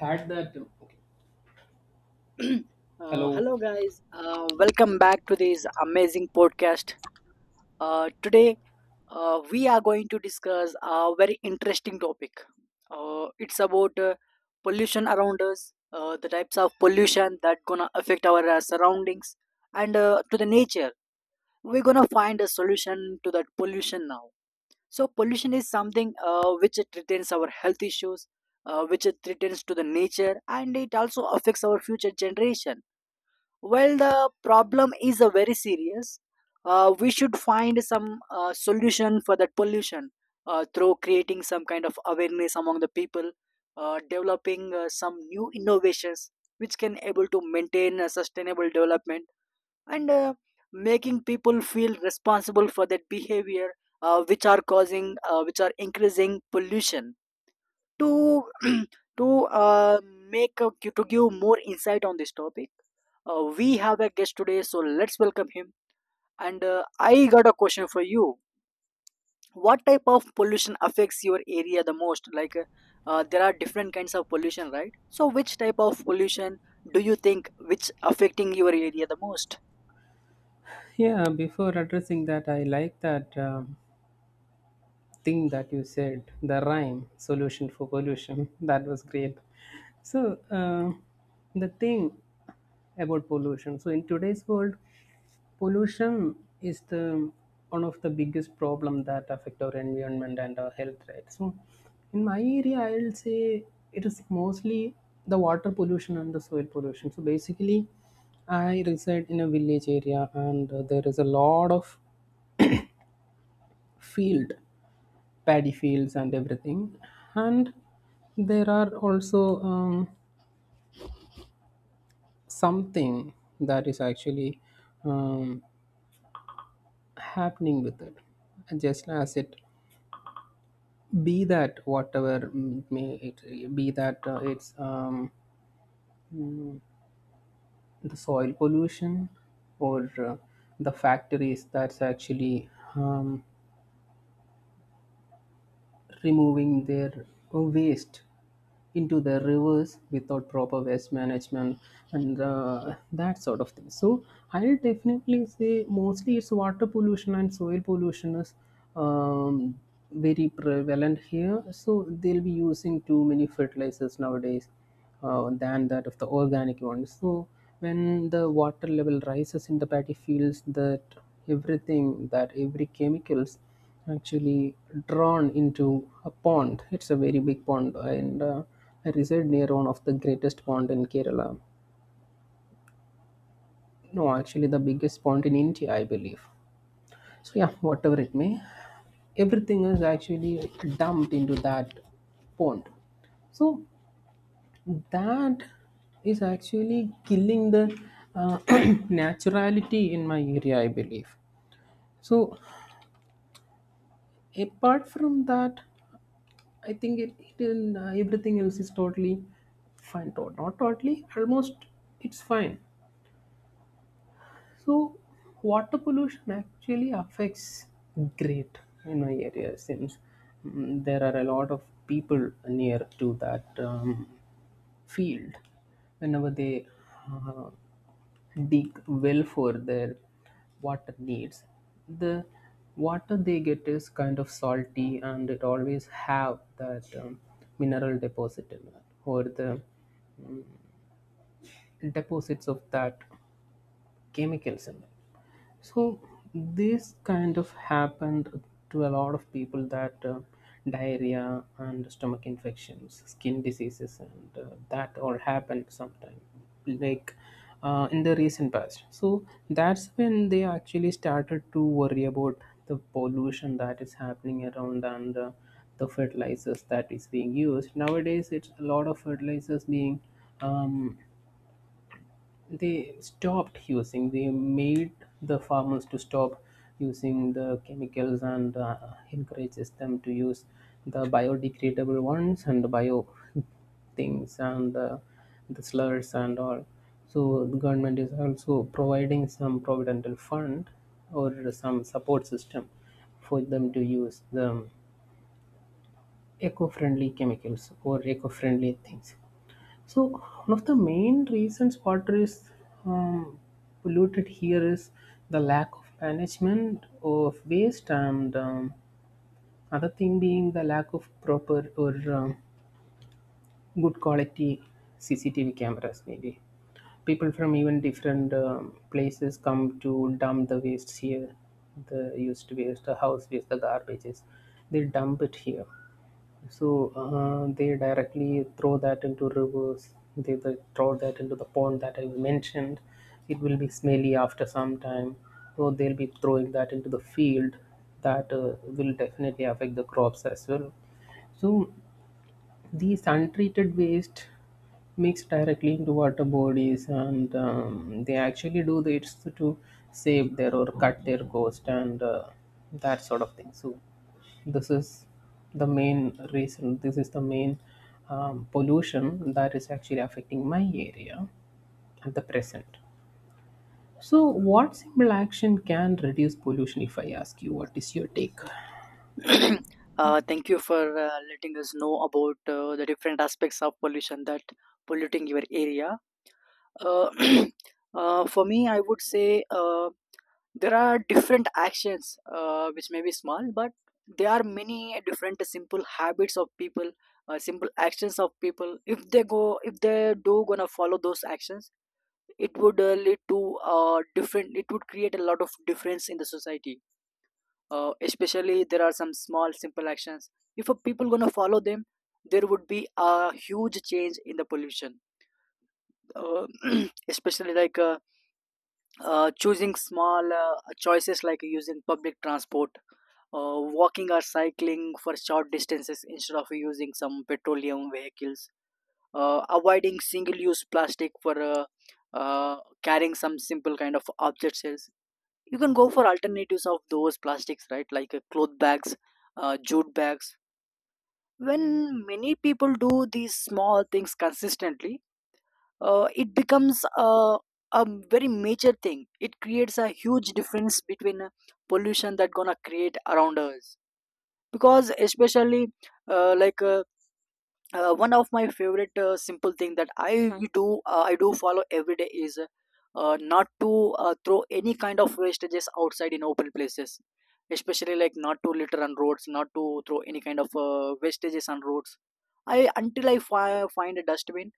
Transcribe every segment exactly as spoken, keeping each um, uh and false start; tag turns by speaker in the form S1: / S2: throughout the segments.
S1: Had that. Okay.
S2: uh,
S1: Hello.
S2: Hello, guys. Uh, welcome back to this amazing podcast. Uh, today, uh, we are going to discuss a very interesting topic. Uh, it's about uh, pollution around us, uh, the types of pollution that gonna affect our uh, surroundings and uh, to the nature. We're gonna find a solution to that pollution now. So pollution is something uh, which it threatens our health issues, uh, which it threatens to the nature, and it also affects our future generation. While the problem is uh, very serious, uh, we should find some uh, solution for that pollution uh, through creating some kind of awareness among the people, uh, developing uh, some new innovations which can able to maintain a sustainable development and uh, making people feel responsible for their behavior uh, which are causing uh, which are increasing pollution to to uh, make a, to give more insight on this topic uh, we have a guest today, so let's welcome him, and uh, I got a question for you. What type of pollution affects your area the most, like uh, uh, there are different kinds of pollution, right? So which type of pollution do you think which affecting your area the most?
S1: Yeah, before addressing that, I like that um, thing that you said, the rhyme solution for pollution. That was great. So, uh, the thing about pollution. So, in today's world, pollution is the one of the biggest problem that affect our environment and our health, right? So in my area, I'll say it is mostly the water pollution and the soil pollution. So basically, I reside in a village area and uh, there is a lot of field, paddy fields and everything, and there are also um, something that is actually um, happening with it, just as it be that whatever, mm, it may it be that uh, it's um, mm, the soil pollution or uh, the factories that's actually um, removing their waste into the rivers without proper waste management and uh, that sort of thing. So I'll definitely say mostly it's water pollution, and soil pollution is um, very prevalent here. So they'll be using too many fertilizers nowadays, uh, than that of the organic ones. So when the water level rises in the paddy fields, that everything, that every chemicals actually drawn into a pond. It's a very big pond, and uh, I reside near one of the greatest pond in Kerala. No, actually, the biggest pond in India, I believe. So yeah, whatever it may, everything is actually dumped into that pond. So that is actually killing the uh, naturality in my area, I believe. So apart from that, I think it, it and uh, everything else is totally fine. Tot- Not totally, almost it's fine. So, water pollution actually affects great in my area since mm, there are a lot of people near to that um, field. Whenever they uh, dig well for their water needs, the water they get is kind of salty, and it always have that um, mineral deposit in it, or the deposits of that chemicals in it. So this kind of happened to a lot of people, that uh, diarrhea and stomach infections, skin diseases, and uh, that all happened sometime, like uh, in the recent past. So that's when they actually started to worry about the pollution that is happening around, and uh, the fertilizers that is being used nowadays. It's a lot of fertilizers being um, they stopped using, they made the farmers to stop using the chemicals, and uh, encourages them to use the biodegradable ones and bio things, and uh, the slurs and all. So the government is also providing some providential fund or some support system for them to use the eco-friendly chemicals or eco-friendly things. So one of the main reasons water is um, polluted here is the lack of management of waste, and um, other thing being the lack of proper or um, good quality C C T V cameras, maybe. People from even different um, places come to dump the waste here, the used waste, the house waste, the garbages. They dump it here, so uh, they directly throw that into rivers. They, they throw that into the pond that I mentioned. It will be smelly after some time. So they'll be throwing that into the field. That uh, will definitely affect the crops as well. So these untreated waste mix directly into water bodies, and um, they actually do this to save their or cut their cost, and uh, that sort of thing. So this is the main reason. This is the main um, pollution that is actually affecting my area at the present. So, what simple action can reduce pollution? If I ask you, what is your take?
S2: uh, thank you for uh, letting us know about uh, the different aspects of pollution that polluting your area. Uh, uh, for me, I would say uh, there are different actions uh, which may be small, but there are many different simple habits of people, uh, simple actions of people. If they go, if they do gonna follow those actions, it would uh, lead to uh, different. It would create a lot of difference in the society, uh, especially there are some small simple actions. If a people gonna follow them, there would be a huge change in the pollution. uh, especially like uh, uh, choosing small uh, choices like using public transport, uh, walking or cycling for short distances instead of using some petroleum vehicles, uh, avoiding single use plastic for uh, uh, carrying some simple kind of objects. You can go for alternatives of those plastics, right? Like uh, cloth bags, uh, jute bags. When many people do these small things consistently, uh, it becomes a, a very major thing. It creates a huge difference between uh, pollution that gonna create around us. Because especially uh, like uh, uh, one of my favorite uh, simple thing that I Mhm. do, uh, I do follow every day is uh, not to uh, throw any kind of wastages outside in open places, especially like not to litter on roads, not to throw any kind of uh, wastages on roads. I, until I fi- find a dustbin,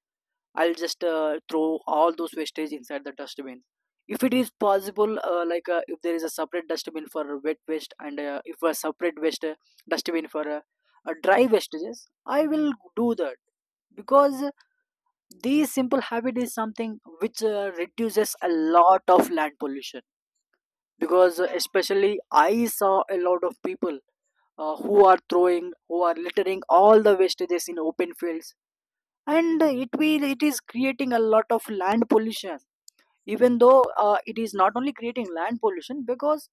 S2: I'll just uh, throw all those wastage inside the dustbin. If it is possible, uh, like uh, if there is a separate dustbin for wet waste and uh, if a separate waste uh, dustbin for uh, uh, dry wastages, I will do that, because this simple habit is something which uh, reduces a lot of land pollution. Because uh, especially I saw a lot of people uh, who are throwing, who are littering all the wastages in open fields, and it will, it is creating a lot of land pollution. Even though uh, it is not only creating land pollution, because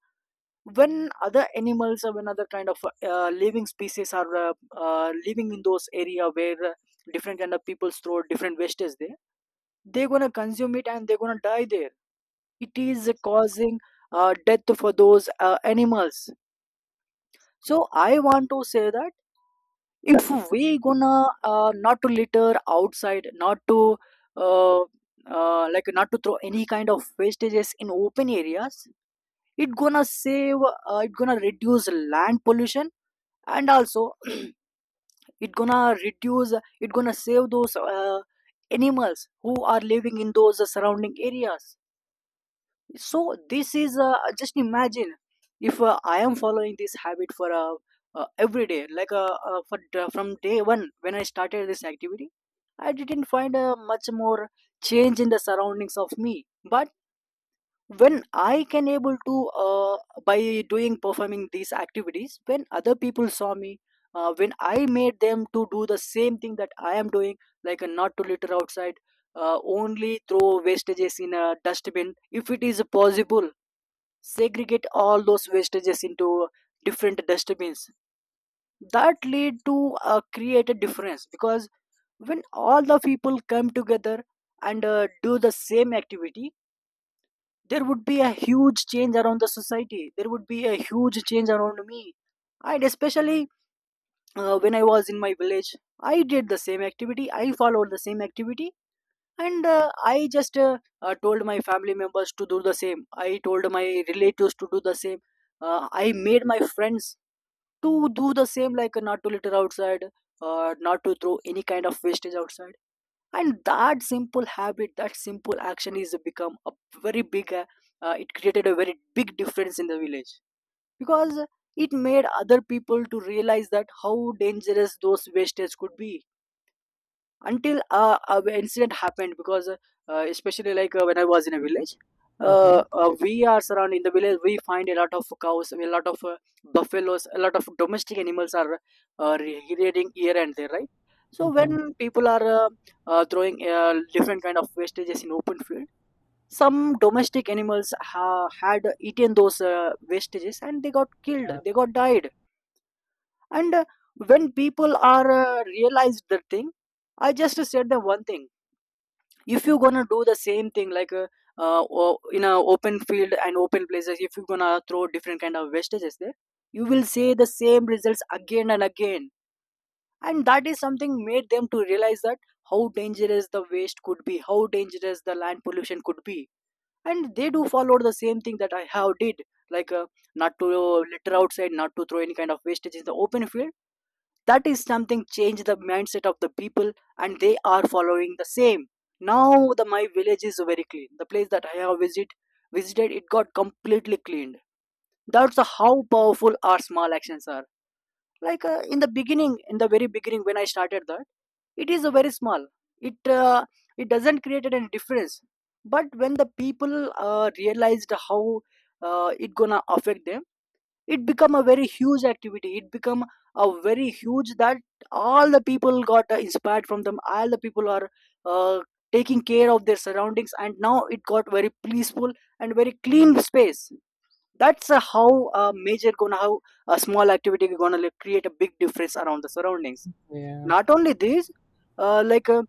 S2: when other animals or when other kind of uh, living species are uh, uh, living in those area where uh, different kind of people throw different wastage there, they're gonna consume it and they're gonna die there. It is causing uh, death for those uh, animals. So I want to say that if we gonna uh, not to litter outside, not to uh, uh, like not to throw any kind of wastages in open areas, it gonna save, uh, it gonna reduce land pollution, and also it gonna reduce, it gonna save those uh, animals who are living in those surrounding areas. So this is, uh, just imagine if uh, I am following this habit for uh, uh, every day like uh, uh, for, from day one when I started this activity, I didn't find uh, much more change in the surroundings of me, but when I can able to, uh, by doing performing these activities, when other people saw me, uh, when I made them to do the same thing that I am doing, like uh, not to litter outside, uh, only throw wastages in a dustbin if it is possible, segregate all those wastages into different dustbins, that lead to uh, create a difference. Because when all the people come together and uh, do the same activity, there would be a huge change around the society, there would be a huge change around me, and especially uh, when I was in my village, I did the same activity, I followed the same activity, and uh, I just uh, uh, told my family members to do the same, I told my relatives to do the same, uh, I made my friends to do the same, like uh, not to litter outside, uh, not to throw any kind of wastage outside. And that simple habit, that simple action is become a very big, uh, uh, it created a very big difference in the village, because it made other people to realize that how dangerous those wastage could be, until uh, an incident happened. Because uh, especially like uh, when I was in a village,
S1: Mm-hmm.
S2: uh, uh, we are surrounded in the village, we find a lot of cows, a lot of uh, buffaloes, a lot of domestic animals are uh, rearing here and there, right? So
S1: Mm-hmm.
S2: when people are uh, uh, throwing uh, different kind of wastages in open field, some domestic animals ha- had eaten those uh, wastages and they got killed,
S1: Uh,
S2: they got died. And uh, when people are uh, realized the thing, I just said them one thing: if you're gonna do the same thing, like uh, uh, o- in a open field and open places, if you're gonna throw different kind of wastages there, you will see the same results again and again. And that is something made them to realize that how dangerous the waste could be, how dangerous the land pollution could be, and they do follow the same thing that I have did, like uh, not to litter outside, not to throw any kind of wastage in the open field. That is something changed the mindset of the people, and they are following the same now. The, my village is very clean, the place that I have visit, visited it got completely cleaned. That's how powerful our small actions are. Like uh, in the beginning, in the very beginning when I started that, it is a very small, it uh, it doesn't create any difference, but when the people uh, realized how uh, it gonna affect them, it become a very huge activity, it become a very huge that all the people got uh, inspired from them, all the people are uh, taking care of their surroundings, and now it got very peaceful and very clean space. That's uh, how a major gonna, how a small activity gonna, like, create a big difference around the surroundings.
S1: yeah.
S2: Not only this, uh, like uh,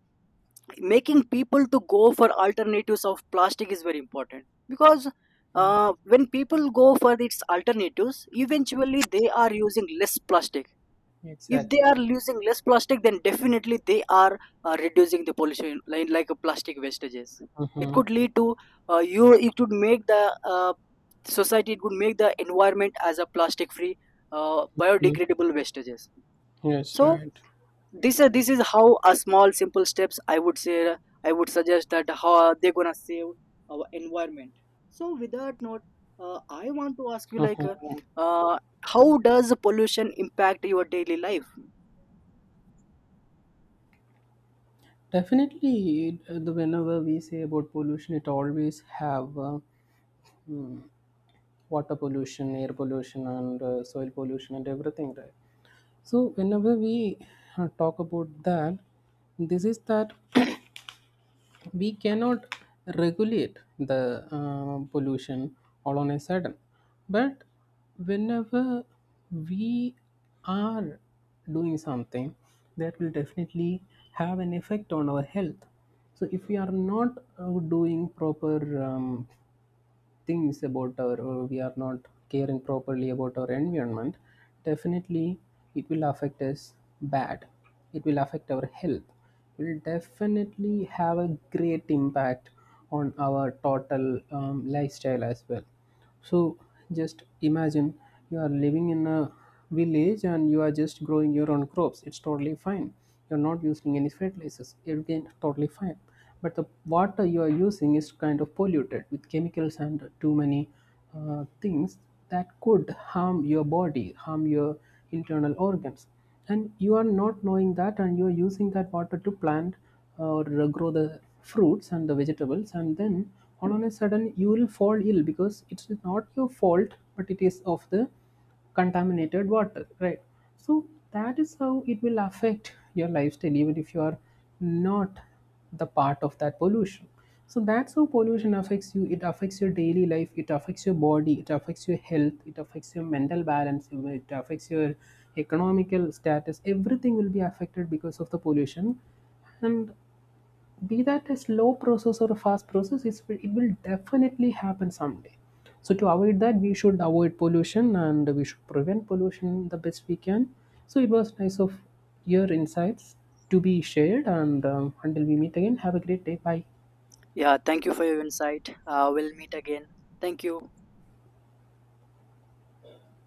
S2: making people to go for alternatives of plastic is very important, because
S1: Mm.
S2: uh, when people go for its alternatives, eventually they are using less plastic. If they
S1: Exactly.
S2: are using less plastic, then definitely they are uh, reducing the pollution, like, like a plastic wastages, it
S1: Mm-hmm.
S2: could lead to, uh, you, it could make the uh, society, it could make the environment as a plastic free, uh, biodegradable wastages.
S1: Yes,
S2: So
S1: right.
S2: this uh, this is how a small simple steps, I would say, uh, I would suggest that how they're gonna save our environment. So with that note, uh, I want to ask you, like uh, uh, how does pollution impact your daily life?
S1: Definitely, uh, the whenever we say about pollution, it always have uh, mm, water pollution, air pollution, and uh, soil pollution, and everything, right? So whenever we uh, talk about that, this is that we cannot regulate the uh, pollution all on a sudden, but whenever we are doing something, that will definitely have an effect on our health. So if we are not uh, doing proper um, things about our, or we are not caring properly about our environment, definitely it will affect us bad, it will affect our health, it will definitely have a great impact on our total um, lifestyle as well. So just imagine, you are living in a village and you are just growing your own crops. It's totally fine. You're not using any fertilizers. Again, totally fine. But the water you are using is kind of polluted with chemicals and too many uh, things that could harm your body, harm your internal organs. And you are not knowing that, and you are using that water to plant or grow the fruits and the vegetables. And then all on a sudden, you will fall ill, because it's not your fault, but it is of the contaminated water, right? So that is how it will affect your lifestyle, even if you are not the part of that pollution. So that's how pollution affects you. It affects your daily life, it affects your body, it affects your health, it affects your mental balance, it affects your economical status. Everything will be affected because of the pollution. And be that a slow process or a fast process, it's, it will definitely happen someday. So to avoid that, we should avoid pollution, and we should prevent pollution the best we can. So it was nice of your insights to be shared, and um, until we meet again, have a great day. Bye.
S2: Yeah, thank you for your insight, uh, we'll meet again. Thank you.